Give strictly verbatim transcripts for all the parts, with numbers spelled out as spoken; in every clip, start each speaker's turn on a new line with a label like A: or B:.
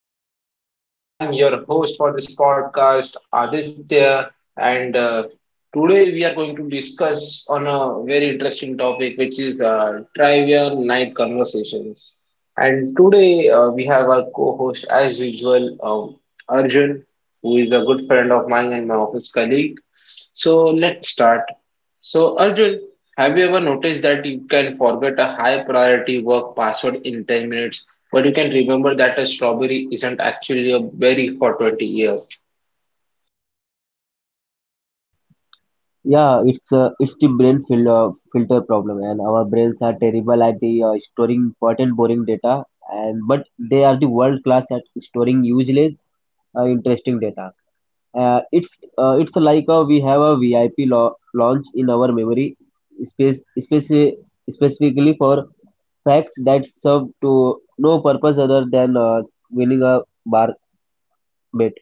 A: everyone, and I'm your host for this podcast, Aditya. And uh, Today we are going to discuss on a very interesting topic, which is uh, trivia night conversations. And today uh, we have our co-host, as usual, um, Arjun, who is a good friend of mine and my office colleague. So let's start. So Arjun, have you ever noticed that you can forget a high priority work password in ten minutes but you can remember that a strawberry isn't actually a berry for twenty years?
B: Yeah, it's uh, it's the brain filter filter problem, and our brains are terrible at the uh, storing important boring data, and but they are the world class at storing useless, uh, interesting data. Uh, it's uh, it's like uh, we have a V I P lo- launch in our memory space speci- specifically for facts that serve to no purpose other than uh, winning a bar bet.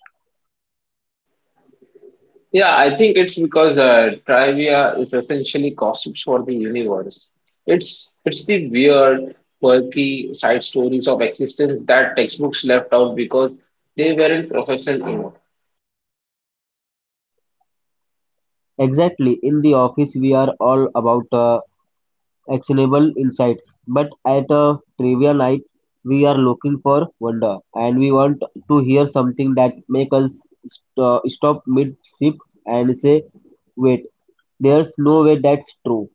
A: Yeah, I think it's because uh, trivia is essentially gossips for the universe. It's it's the weird, quirky side stories of existence that textbooks left out because they weren't professional enough.
B: Exactly. In the office, we are all about uh, actionable insights. But at a trivia night, we are looking for wonder, and we want to hear something that make us st- uh, stop mid sip and say, "Wait, there's no way that's true."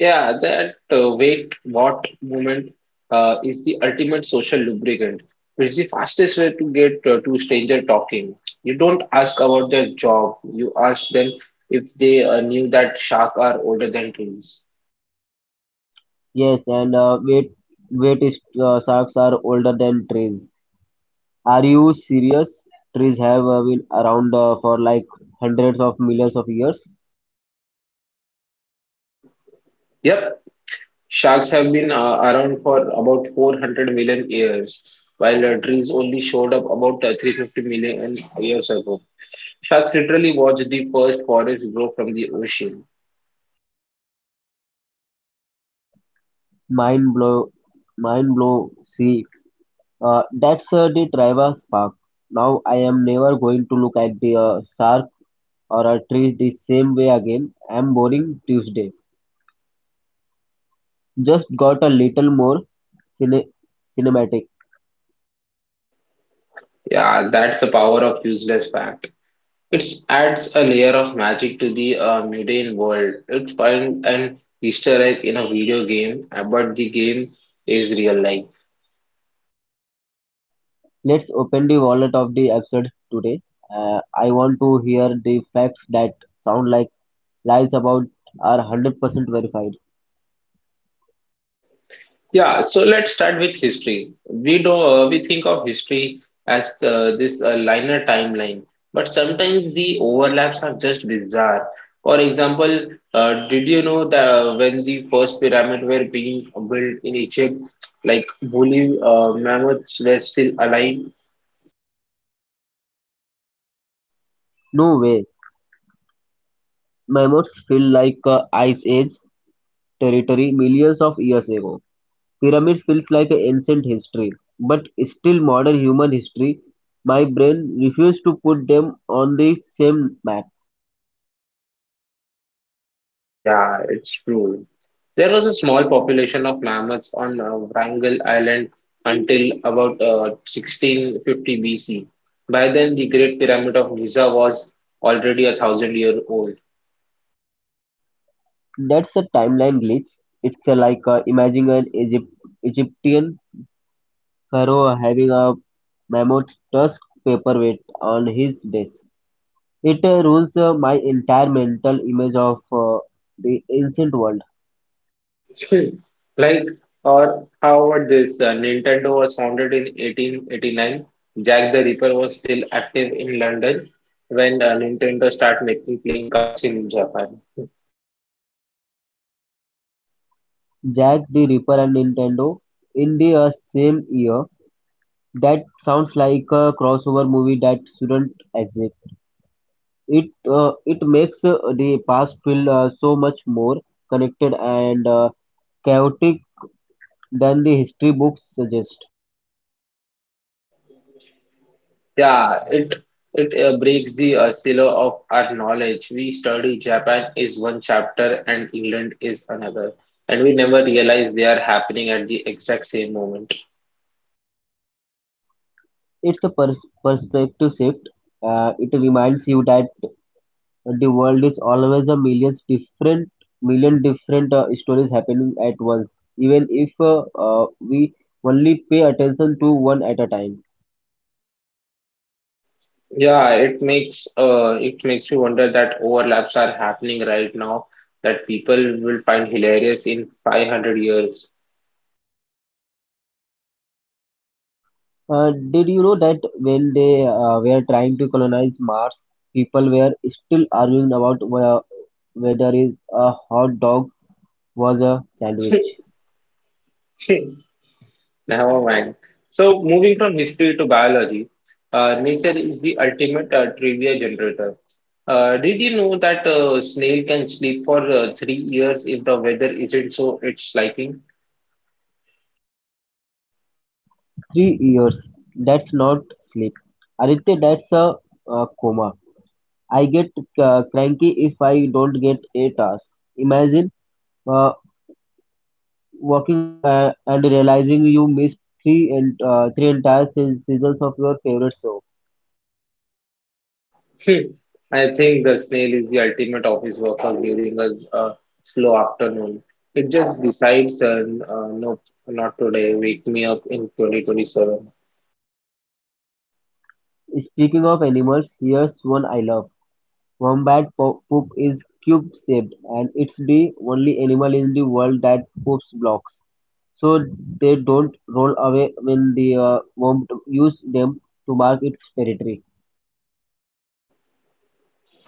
A: Yeah, that uh, wait what moment uh, is the ultimate social lubricant. It's the fastest way to get uh, two stranger talking. You don't ask about their job. You ask them if they uh, knew that sharks are older than trees.
B: Yes, and uh, wait, wait, is- uh, sharks are older than trees. Are you serious? Trees have uh, been around uh, for like hundreds of millions of years.
A: Yep, sharks have been uh, around for about four hundred million years, while uh, trees only showed up about uh, three hundred fifty million years ago. Sharks literally watched the first forest grow from the ocean.
B: Mind blow, mind blow. See, Uh, that's uh, the driver's park. Now I am never going to look at the uh, shark or a tree the same way again. I'm boring Tuesday. Just got a little more cine- cinematic.
A: Yeah, that's the power of useless fact. It adds a layer of magic to the uh, mundane world. It finds an Easter egg in a video game, uh, but the game is real life.
B: Let's open the wallet of the absurd today. Uh, I want to hear the facts that sound like lies about are one hundred percent verified.
A: Yeah, so let's start with history. We do uh, we think of history as uh, this uh, linear timeline, but sometimes the overlaps are just bizarre. For example, uh, did you know that when the first pyramid were being built in Egypt, like woolly uh, mammoths were still alive?
B: No way. Mammoths feel like uh, ice age territory millions of years ago. Pyramids feels like an ancient history, but still modern human history. My brain refuses to put them on the same map.
A: Yeah, it's true. There was a small population of mammoths on uh, Wrangel Island until about uh, sixteen fifty B C. By then, the Great Pyramid of Giza was already a thousand year old.
B: That's a timeline glitch. It's uh, like uh, imagining an Egypt, Egyptian pharaoh having a mammoth tusk paperweight on his desk. It uh, ruins uh, my entire mental image of uh, the ancient world.
A: Like, or how about this? Uh, Nintendo was founded in eighteen eighty-nine. Jack the Ripper was still active in London when uh, Nintendo started making playing cards in Japan.
B: Jack the Ripper and Nintendo in the uh, same year. That sounds like a crossover movie that shouldn't exist. It uh, it makes uh, the past feel uh, so much more connected and uh, chaotic than the history books suggest.
A: Yeah, it it uh, breaks the uh, silo of our knowledge. We study Japan is one chapter and England is another, and we never realize they are happening at the exact same moment.
B: It's a per- perspective shift. Uh, it reminds you that the world is always a millions different million different uh, stories happening at once, even if uh, uh, we only pay attention to one at a time.
A: Yeah, it makes uh, it makes me wonder that overlaps are happening right now that people will find hilarious in five hundred years.
B: Uh, did you know that when they uh, were trying to colonize Mars, people were still arguing about whe- whether is a hot dog was a sandwich?
A: Never mind. So, moving from history to biology, uh, nature is the ultimate uh, trivia generator. Uh, did you know that uh, snail can sleep for uh, three years if the weather isn't so its liking?
B: Three years. That's not sleep. Aditya, that's a, uh coma. I get uh, cranky if I don't get eight hours. Imagine uh, waking up uh, and realizing you missed three and uh, three entire se- seasons of your favorite show.
A: I think the snail is the ultimate office worker during a uh, slow afternoon. It just decides, uh, uh, nope, not today. Wake me up in twenty twenty-seven.
B: Speaking of animals, here's one I love. Wombat po- poop is cube-shaped, and it's the only animal in the world that poops blocks, so they don't roll away when the uh, wombat use them to mark its territory.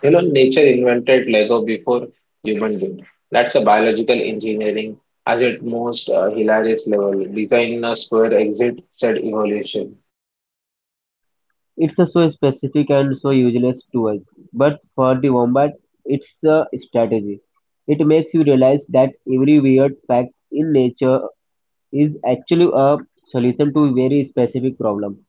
A: You know, nature invented Lego before human did. That's a biological engineering at its most uh, hilarious level. Designers were exit said evolution.
B: It's uh, so specific and so useless to us, but for the wombat, it's a strategy. It makes you realize that every weird fact in nature is actually a solution to a very specific problem.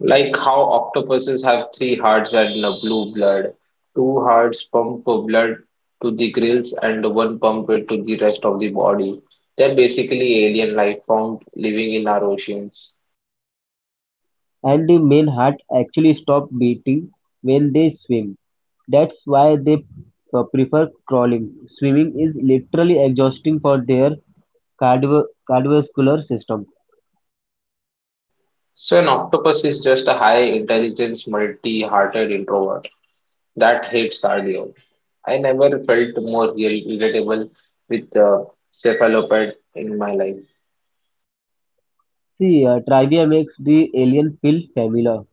A: Like how octopuses have three hearts and uh, blue blood. Two hearts pump blood to the gills and one pump it to the rest of the body. They're basically alien life form living in our oceans.
B: And the male heart actually stop beating when they swim. That's why they uh, prefer crawling. Swimming is literally exhausting for their cardio- cardiovascular system.
A: So an octopus is just a high intelligence, multi-hearted introvert. That hates cardio. I never felt more ir- irritable with uh, cephalopod in my life.
B: See, uh, trivia makes the alien feel familiar.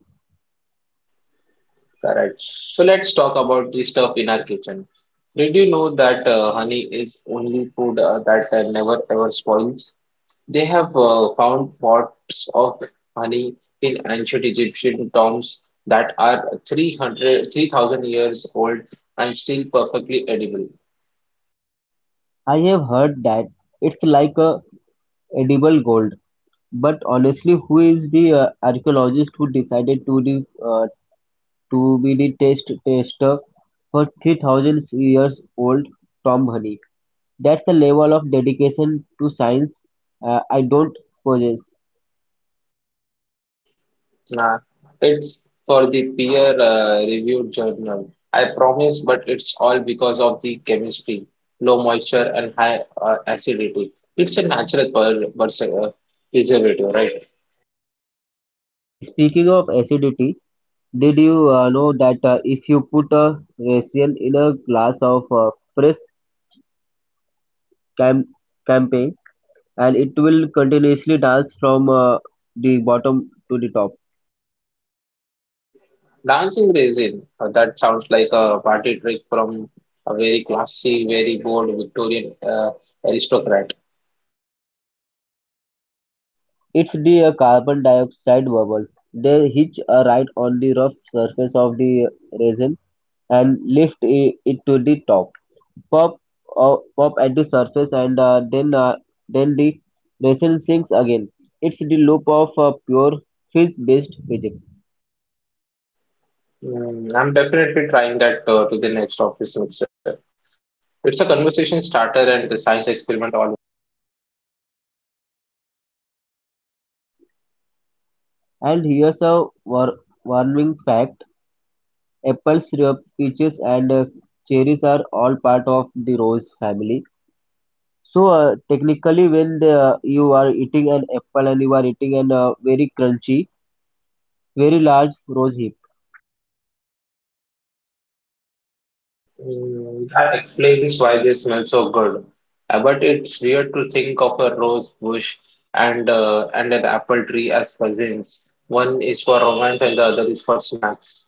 A: Correct. So let's talk about the stuff in our kitchen. Did you know that uh, honey is only food uh, that uh, never ever spoils? They have uh, found pots of honey in ancient Egyptian tombs that are three hundred, three thousand years old and still perfectly edible.
B: I have heard that it's like a edible gold. But honestly, who is the uh, archaeologist who decided to the uh, to be the test tester for three thousand years old Tom Honey? That's the level of dedication to science uh, I don't possess.
A: Nah, it's for the peer-reviewed journal. I promise, but it's all because of the chemistry, low moisture and high uh, acidity. It's a natural per pers- uh, preservative, right?
B: Speaking of acidity, did you uh, know that uh, if you put a ration in a glass of uh, fresh cam- campaign and it will continuously dance from uh, the bottom to the top?
A: Dancing resin, uh, that sounds like a party trick from a very classy, very bored Victorian uh, aristocrat.
B: It's the uh, carbon dioxide bubble. They hitch a ride on the rough surface of the resin and lift i- it to the top. Pop up at the surface and uh, then uh, then the vessel sinks again. It's the loop of uh, pure physics-based physics.
A: Mm, I'm definitely trying that uh, to the next office mixer. It's a conversation starter and a science experiment all.
B: And here's a war- warming fact: apples, syrup, peaches, and uh, cherries are all part of the rose family. So uh, technically, when the, uh, you are eating an apple and you are eating an uh, very crunchy, very large rose heap,
A: Mm, That explains why they smell so good. Uh, but it's weird to think of a rose bush and uh, and an apple tree as cousins. One is for romance and the other is for snacks.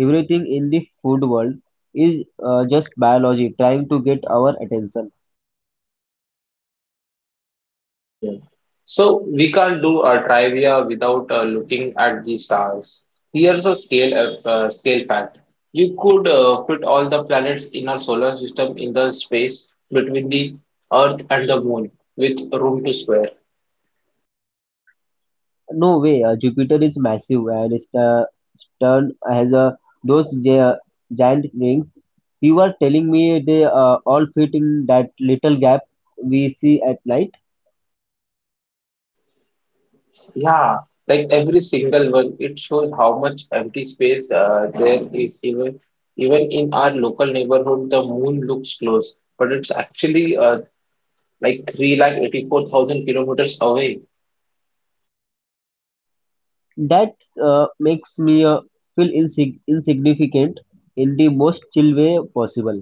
B: everything in the food world is uh, just biology trying to get our attention.
A: Hmm. So we can't do a trivia without uh, looking at the stars. Here's a scale of uh, scale fact. You could uh, fit all the planets in our solar system in the space between the Earth and the Moon with room to spare.
B: No way. Uh, Jupiter is massive, and Sta- Stern has uh, those gi- giant rings. You were telling me they uh, all fit in that little gap we see at night.
A: Yeah, like every single one, it shows how much empty space uh, there is. Even even in our local neighborhood, the moon looks close, but it's actually uh, like three lakh eighty-four thousand kilometers away.
B: That uh, makes me uh, feel insig- insignificant in the most chill way possible.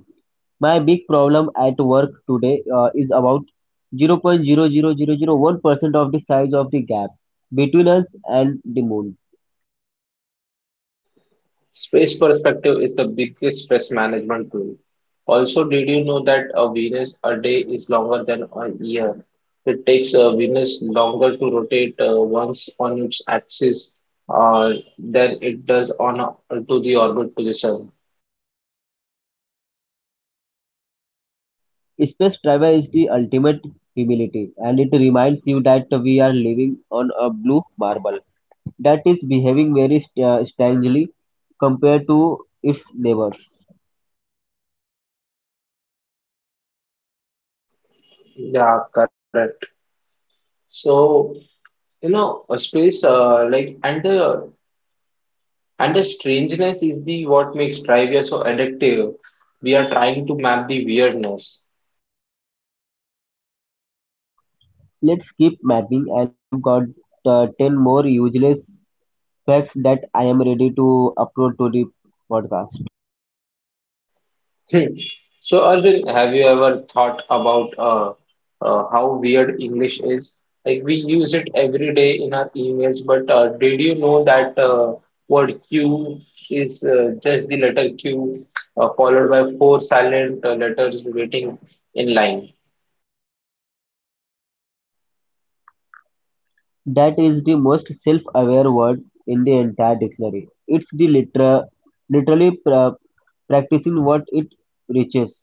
B: My big problem at work today uh, is about zero point zero zero zero zero one percent of the size of the gap between us and the moon.
A: Space perspective is the biggest stress management tool. Also, did you know that a Venus a day is longer than a year? It takes a Venus longer to rotate uh, once on its axis uh, than it does on uh, to the orbit to the sun.
B: Space travel is the ultimate humility, and it reminds you that we are living on a blue marble that is behaving very st- uh, strangely compared to its neighbors.
A: Yeah, correct. So, you know, a space uh, like and the and the strangeness is the what makes trivia so addictive. We are trying to map the weirdness.
B: Let's keep mapping, and I have got uh, ten more useless facts that I am ready to upload to the podcast.
A: Hmm. So, Arjun, have you ever thought about uh, uh, how weird English is? Like we use it every day in our emails, but uh, did you know that uh, word Q is uh, just the letter Q uh, followed by four silent uh, letters waiting in line?
B: That is the most self aware word in the entire dictionary. It's the liter- literally pra- practicing what it preaches.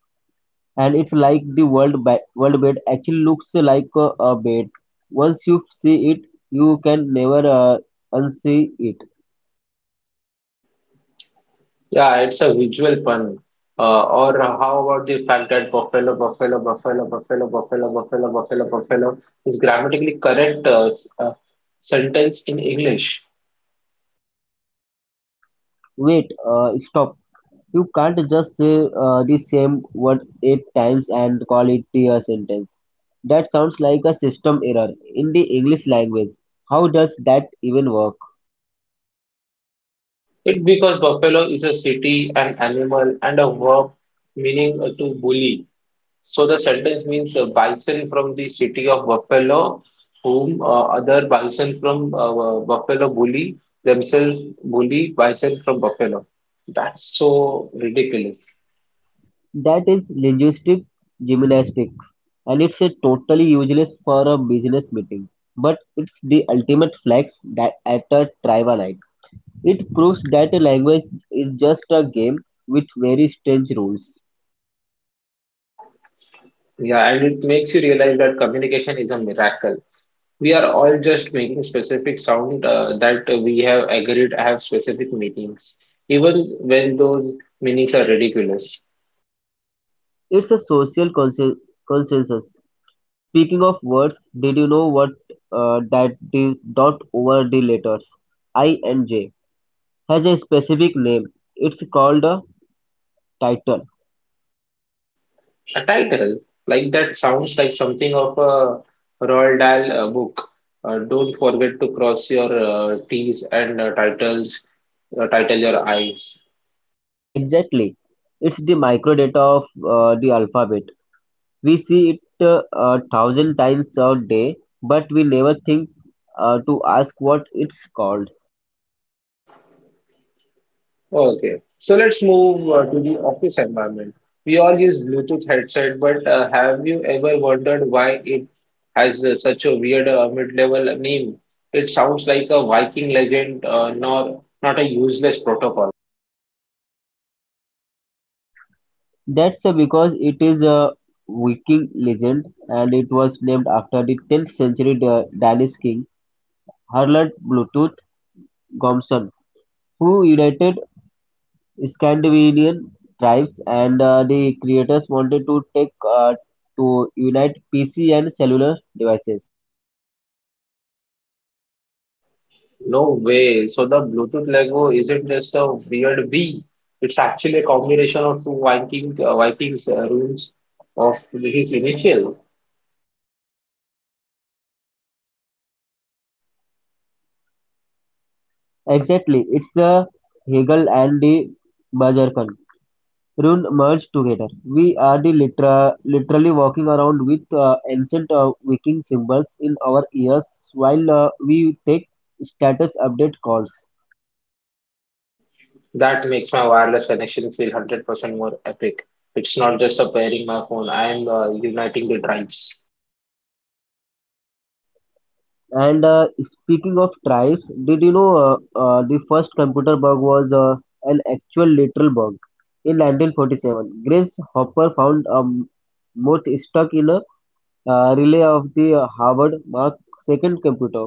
B: And it's like the world ba- world bed actually looks like a, a bed. Once you see it, you can never uh, unsee it.
A: Yeah, it's a visual pun. Uh, or how about the fact that buffalo, buffalo, buffalo, buffalo, buffalo, buffalo, buffalo, buffalo is grammatically correct uh, s- uh, sentence in English?
B: Wait, uh, stop. You can't just say uh, the same word eight times and call it a sentence. That sounds like a system error in the English language. How does that even work?
A: It because buffalo is a city, an animal, and a verb meaning uh, to bully. So the sentence means uh, bison from the city of Buffalo, whom uh, other bison from uh, Buffalo bully themselves bully bison from Buffalo. That's so ridiculous.
B: That is linguistic gymnastics, and it's a totally useless for a business meeting but it's the ultimate flex that at a tribal. It proves that a language is just a game with very strange rules.
A: Yeah, and it makes you realize that communication is a miracle. We are all just making specific sound uh, that we have agreed have specific meanings, even when those meanings are ridiculous.
B: It's a social consen- consensus. Speaking of words, did you know what uh, that the dot over the letters I and J has a specific name? It's called a title.
A: A title like that sounds like something of a Roald Dahl uh, book. Uh, don't forget to cross your uh, T's and uh, titles, uh, title your I's.
B: Exactly. It's the microdata of uh, the alphabet. We see it uh, a thousand times a day, but we never think uh, to ask what it's called.
A: Okay, so let's move uh, to the office environment. We all use Bluetooth headset, but uh, have you ever wondered why it has uh, such a weird uh, mid-level name? It sounds like a Viking legend, uh, nor not a useless protocol.
B: That's uh, because it is a Viking legend, and it was named after the tenth century Da- Danish king Harald Bluetooth Gomson, who united Scandinavian tribes, and uh, the creators wanted to take uh, to unite P C and cellular devices.
A: No way. So the Bluetooth logo isn't just a weird V. It's actually a combination of two Viking uh, Vikings uh, runes of his initial.
B: Exactly, it's the Hegel and the Bazarkan rune merged together. We are the litera- literally walking around with uh, ancient uh, Viking symbols in our ears while uh, we take status update calls.
A: That makes my wireless connection feel one hundred percent more epic. It's not just a pairing my phone, I am uh, uniting the tribes.
B: And uh, speaking of tribes, did you know uh, uh, the first computer bug was uh, an actual literal bug? In nineteen forty-seven, Grace Hopper found a moth stuck in a uh, relay of the Harvard Mark the second computer.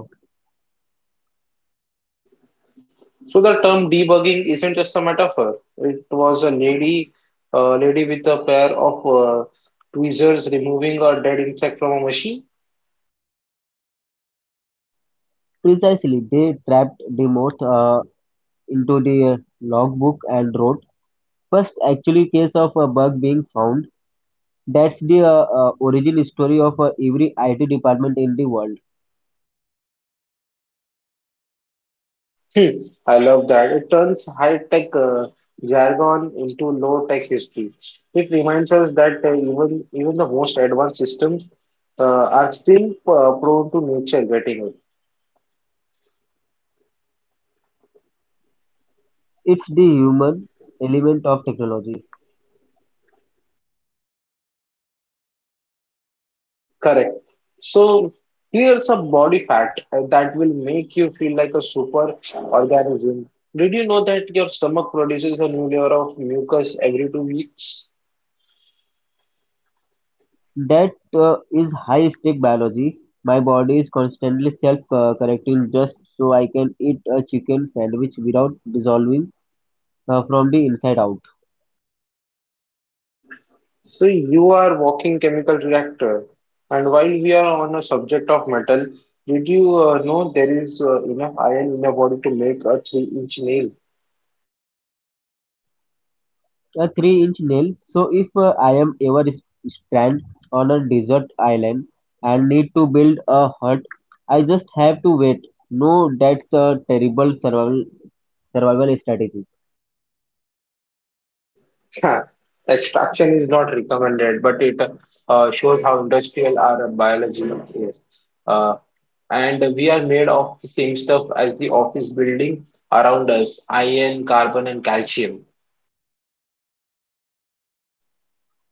A: So the term debugging isn't just a metaphor. It was a lady, uh, lady with a pair of uh, tweezers removing a dead insect from a machine.
B: Precisely, they trapped the moth uh, into the uh, logbook and wrote, first, actually case of a bug being found. That's the uh, uh, origin story of uh, every I T department in the world.
A: Hmm, I love that. It turns high-tech uh, jargon into low-tech history. It reminds us that uh, even even the most advanced systems uh, are still uh, prone to nature getting it.
B: It's the human element of technology.
A: Correct. So here's a body fat uh, that will make you feel like a super organism. Did you know that your stomach produces a new layer of mucus every two weeks?
B: That uh, is high stake biology. My body is constantly self uh, correcting just so I can eat a chicken sandwich without dissolving uh, from the inside out.
A: So you are walking chemical reactor. And while we are on a subject of metal, did you uh, know there is uh, enough iron in your body to make a three-inch nail?
B: A three-inch nail. So if uh, I am ever s- stranded on a desert island and need to build a hut, I just have to wait. No, that's a terrible survival survival strategy.
A: Yeah, extraction is not recommended, but it uh, shows how industrial our biology is. Uh, and we are made of the same stuff as the office building around us, iron, carbon, and calcium.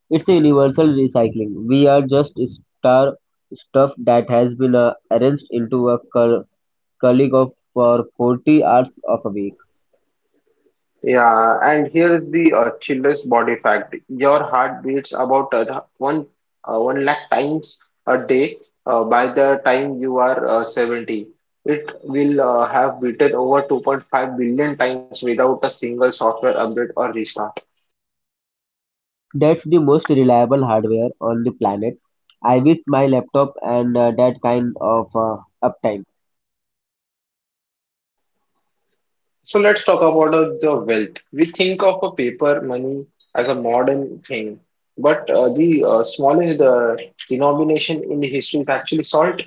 B: It's a universal recycling. We are just star stuff that has been uh, arranged into a cur- colleague of for forty hours of a week.
A: Yeah, and here is the uh, chiller's body fact. Your heart beats about uh, the one uh, one lakh times a day. Uh, by the time you are uh, seventy, it will uh, have beaten over two point five billion times without a single software update or restart.
B: That's the most reliable hardware on the planet. I wish my laptop and uh, that kind of uh, uptime.
A: So let's talk about uh, the wealth. We think of a paper money as a modern thing, but uh, the uh, smallest uh, denomination in history is actually salt.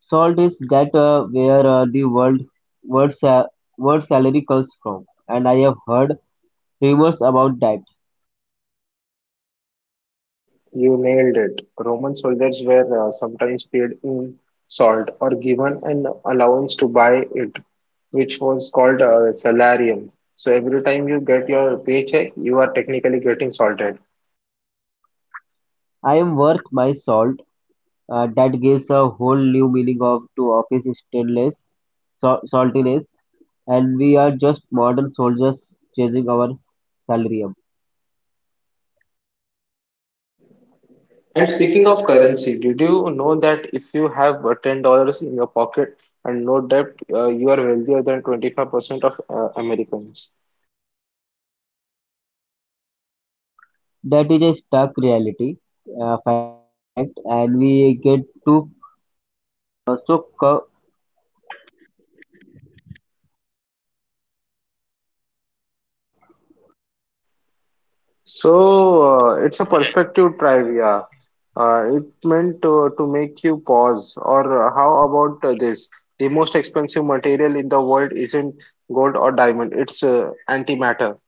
B: Salt is that uh, where uh, the word word, sa- word salary comes from, and I have heard rumors about that.
A: You nailed it. Roman soldiers were uh, sometimes paid in salt or given an allowance to buy it, which was called a salarium. So every time you get your paycheck, you are technically getting salted.
B: I am worth my salt. Uh, that gives a whole new meaning of to office stainless sal- saltiness, and we are just modern soldiers chasing our salary up.
A: And speaking of currency, did you know that if you have uh, ten dollars in your pocket and no debt, uh, you are wealthier than twenty-five percent of uh, Americans?
B: That is a stark reality, uh, fact, and we get too.
A: So, uh, it's a perspective trivia. Uh, it meant to, to make you pause. Or uh, how about uh, this? The most expensive material in the world isn't gold or diamond, it's uh, antimatter.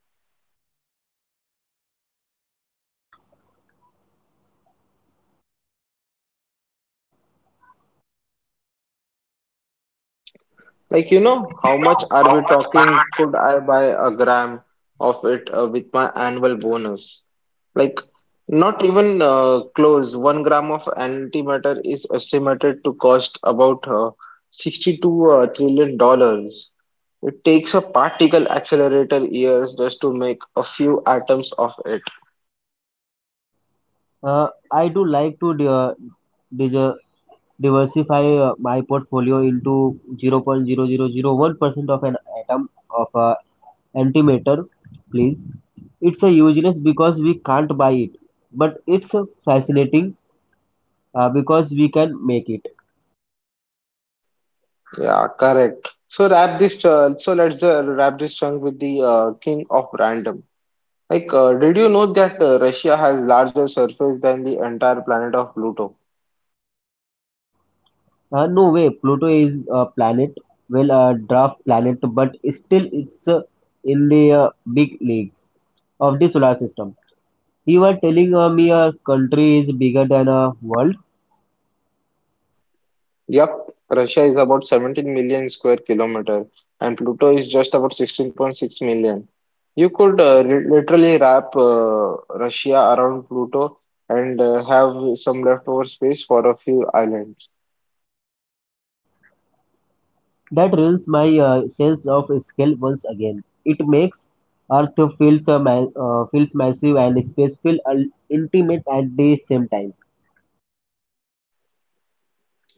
A: Like, you know, how much are we talking? Could I buy a gram of it uh, with my annual bonus? Like, not even uh, close. One gram of antimatter is estimated to cost about uh, sixty-two uh, trillion dollars. It takes a particle accelerator years just to make a few atoms of it.
B: Uh, I do like to di- uh, dis- diversify uh, my portfolio into zero point zero zero zero one percent of an atom of uh, antimatter, please. It's a useless because we can't buy it, but it's uh, fascinating uh, because we can make it.
A: Yeah, correct. So wrap this. Uh, so let's uh, wrap this chunk with the uh, king of random. Like, uh, did you know that uh, Russia has larger surface than the entire planet of Pluto?
B: Uh, no way, Pluto is a planet, well, a draft planet, but still it's uh, in the uh, big leagues of the solar system. You are telling uh, me a country is bigger than a world?
A: Yup, Russia is about seventeen million square kilometer, and Pluto is just about sixteen point six million. You could uh, li- literally wrap uh, Russia around Pluto and uh, have some leftover space for a few islands.
B: That ruins my uh, sense of scale once again. It makes Earth feel uh, ma- uh, feels massive and space feel un- intimate at the same time.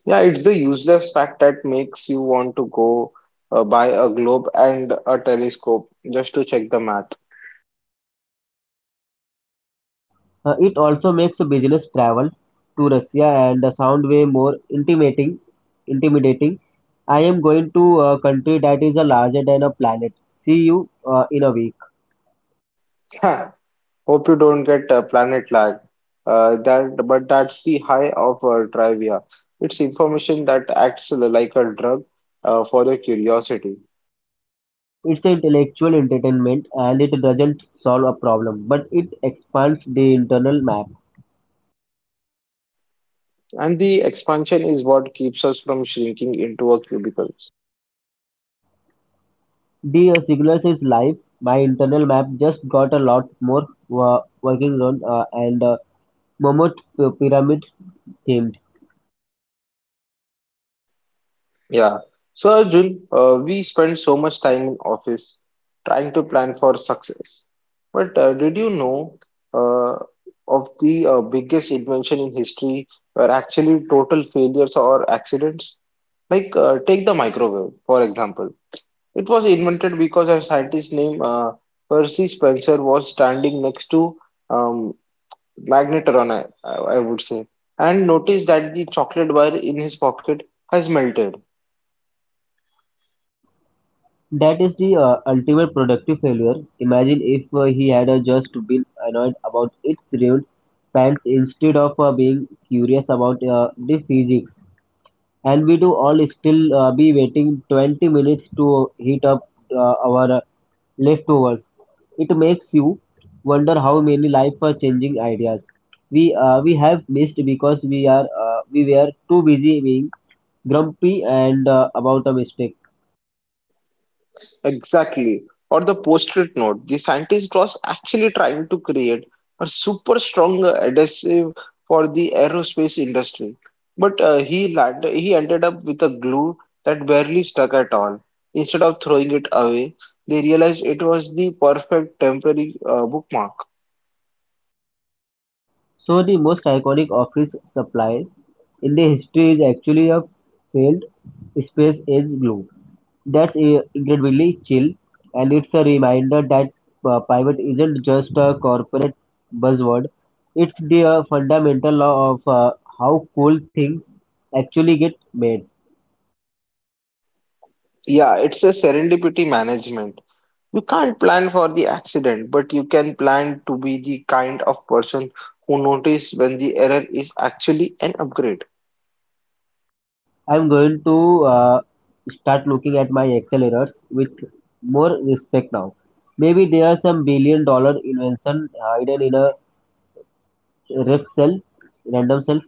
A: Yeah, it's the useless fact that makes you want to go uh, buy a globe and a telescope just to check the math.
B: Uh, it also makes business travel to Russia and the sound way more intimating, intimidating. I am going to a country that is uh, larger than a planet. See you uh, in a week.
A: Hope you don't get uh, planet lag. Uh, that, but that's the high of uh, trivia. It's information that acts like a drug uh, for the curiosity.
B: It's an intellectual entertainment and it doesn't solve a problem, but it expands the internal map.
A: And the expansion is what keeps us from shrinking into a cubicle.
B: The uh, signal says live. My internal map just got a lot more wo- working on uh, and uh, Momot pyramid themed.
A: Yeah. So Arjun, uh, we spend so much time in office trying to plan for success. But uh, did you know uh, of the uh, biggest invention in history were actually total failures or accidents? Like uh, take the microwave, for example. It was invented because a scientist named uh, Percy Spencer was standing next to um, magnetron, I, I would say, and noticed that the chocolate bar in his pocket has melted.
B: That is the uh, ultimate productive failure. Imagine if uh, he had uh, just been annoyed about its ruined pants instead of uh, being curious about uh, the physics. And we do all still uh, be waiting twenty minutes to heat up uh, our uh, leftovers. It makes you wonder how many life-changing ideas we uh, we have missed because we are uh, we were too busy being grumpy and uh, about a mistake.
A: Exactly. Or the post-it note, the scientist was actually trying to create a super strong uh, adhesive for the aerospace industry. But uh, he landed, he ended up with a glue that barely stuck at all. Instead of throwing it away, they realized it was the perfect temporary uh, bookmark.
B: So the most iconic office supply in the history is actually a failed space age glue. That's i- incredibly chill, and it's a reminder that uh, private isn't just a corporate buzzword. It's the uh, fundamental law of uh, how cool things actually get made.
A: Yeah, it's a serendipity management. You can't plan for the accident, but you can plan to be the kind of person who notice when the error is actually an upgrade.
B: I'm going to uh, start looking at my accelerators with more respect now. Maybe there are some billion dollar invention hidden in a rec cell, random cell.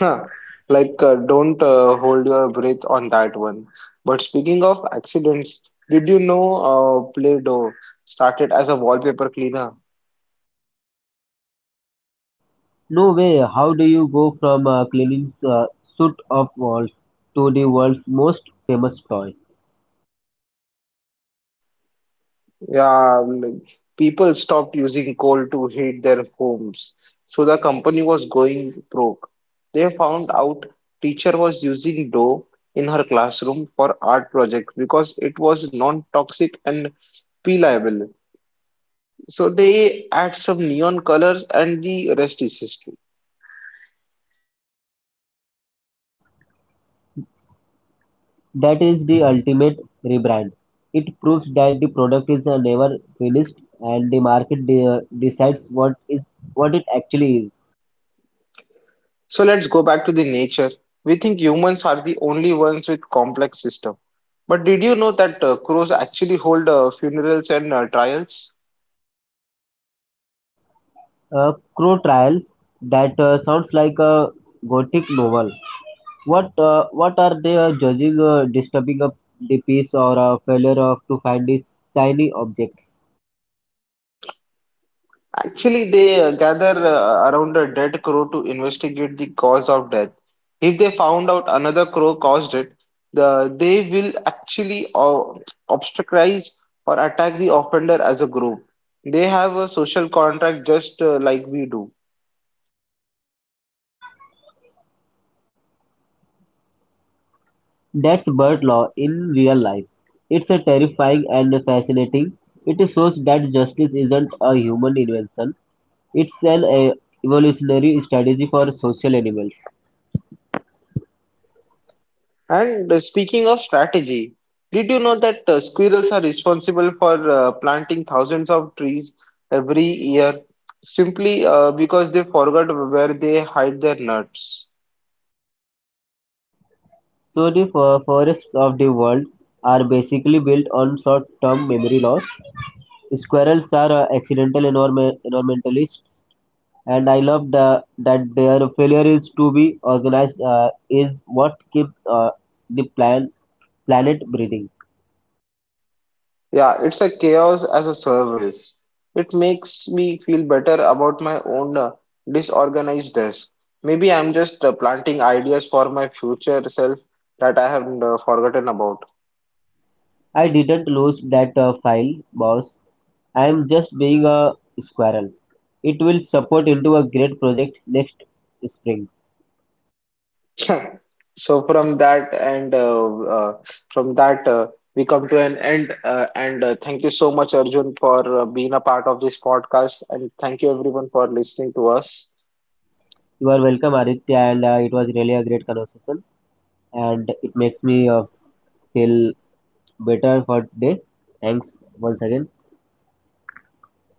A: Huh. Like, uh, don't uh, hold your breath on that one. But speaking of accidents, did you know uh, Play-Doh started as a wallpaper cleaner?
B: No way. How do you go from a cleaning uh, suit of walls to the world's most famous toy?
A: Yeah, like, people stopped using coal to heat their homes, so the company was going broke. They found out teacher was using dough in her classroom for art project because it was non-toxic and peelable. So they add some neon colors, and the rest is history.
B: That is the ultimate rebrand. It proves that the product is uh, never finished and the market de- decides what is what it actually is.
A: So let's go back to the nature. We think humans are the only ones with complex system. But did you know that uh, crows actually hold uh, funerals and uh, trials?
B: Uh, Crow Trials. That uh, sounds like a gothic novel. What uh, what are they uh, judging? Uh, disturbing a the piece or a failure of to find its shiny object?
A: Actually, they uh, gather uh, around a dead crow to investigate the cause of death. If they found out another crow caused it, the, they will actually uh, obstaculize or attack the offender as a group. They have a social contract just uh, like we do.
B: That's bird law in real life. It's a terrifying and fascinating. It shows that justice isn't a human invention. It's an uh, evolutionary strategy for social animals.
A: And uh, speaking of strategy, did you know that uh, squirrels are responsible for uh, planting thousands of trees every year simply uh, because they forgot where they hide their nuts?
B: So the fo- forests of the world are basically built on short-term memory loss. Squirrels are uh, accidental environme- environmentalists, and I love the, that their failure is to be organized uh, is what keeps uh, the plan, planet breathing.
A: Yeah, it's a chaos as a service. It makes me feel better about my own uh, disorganized desk. Maybe I'm just uh, planting ideas for my future self that I have uh, forgotten about.
B: I didn't lose that uh, file, boss. I'm just being a squirrel. It will support into a great project next spring.
A: So from that and uh, uh, from that uh, we come to an end uh, and uh, thank you so much Arjun for uh, being a part of this podcast, and thank you everyone for listening to us.
B: You are welcome, Aditya, and uh, it was really a great conversation, and it makes me uh, feel better for today. Thanks once again.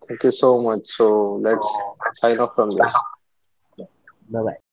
A: Thank you so much. So let's
B: So,
A: sign off from this.
B: bye bye.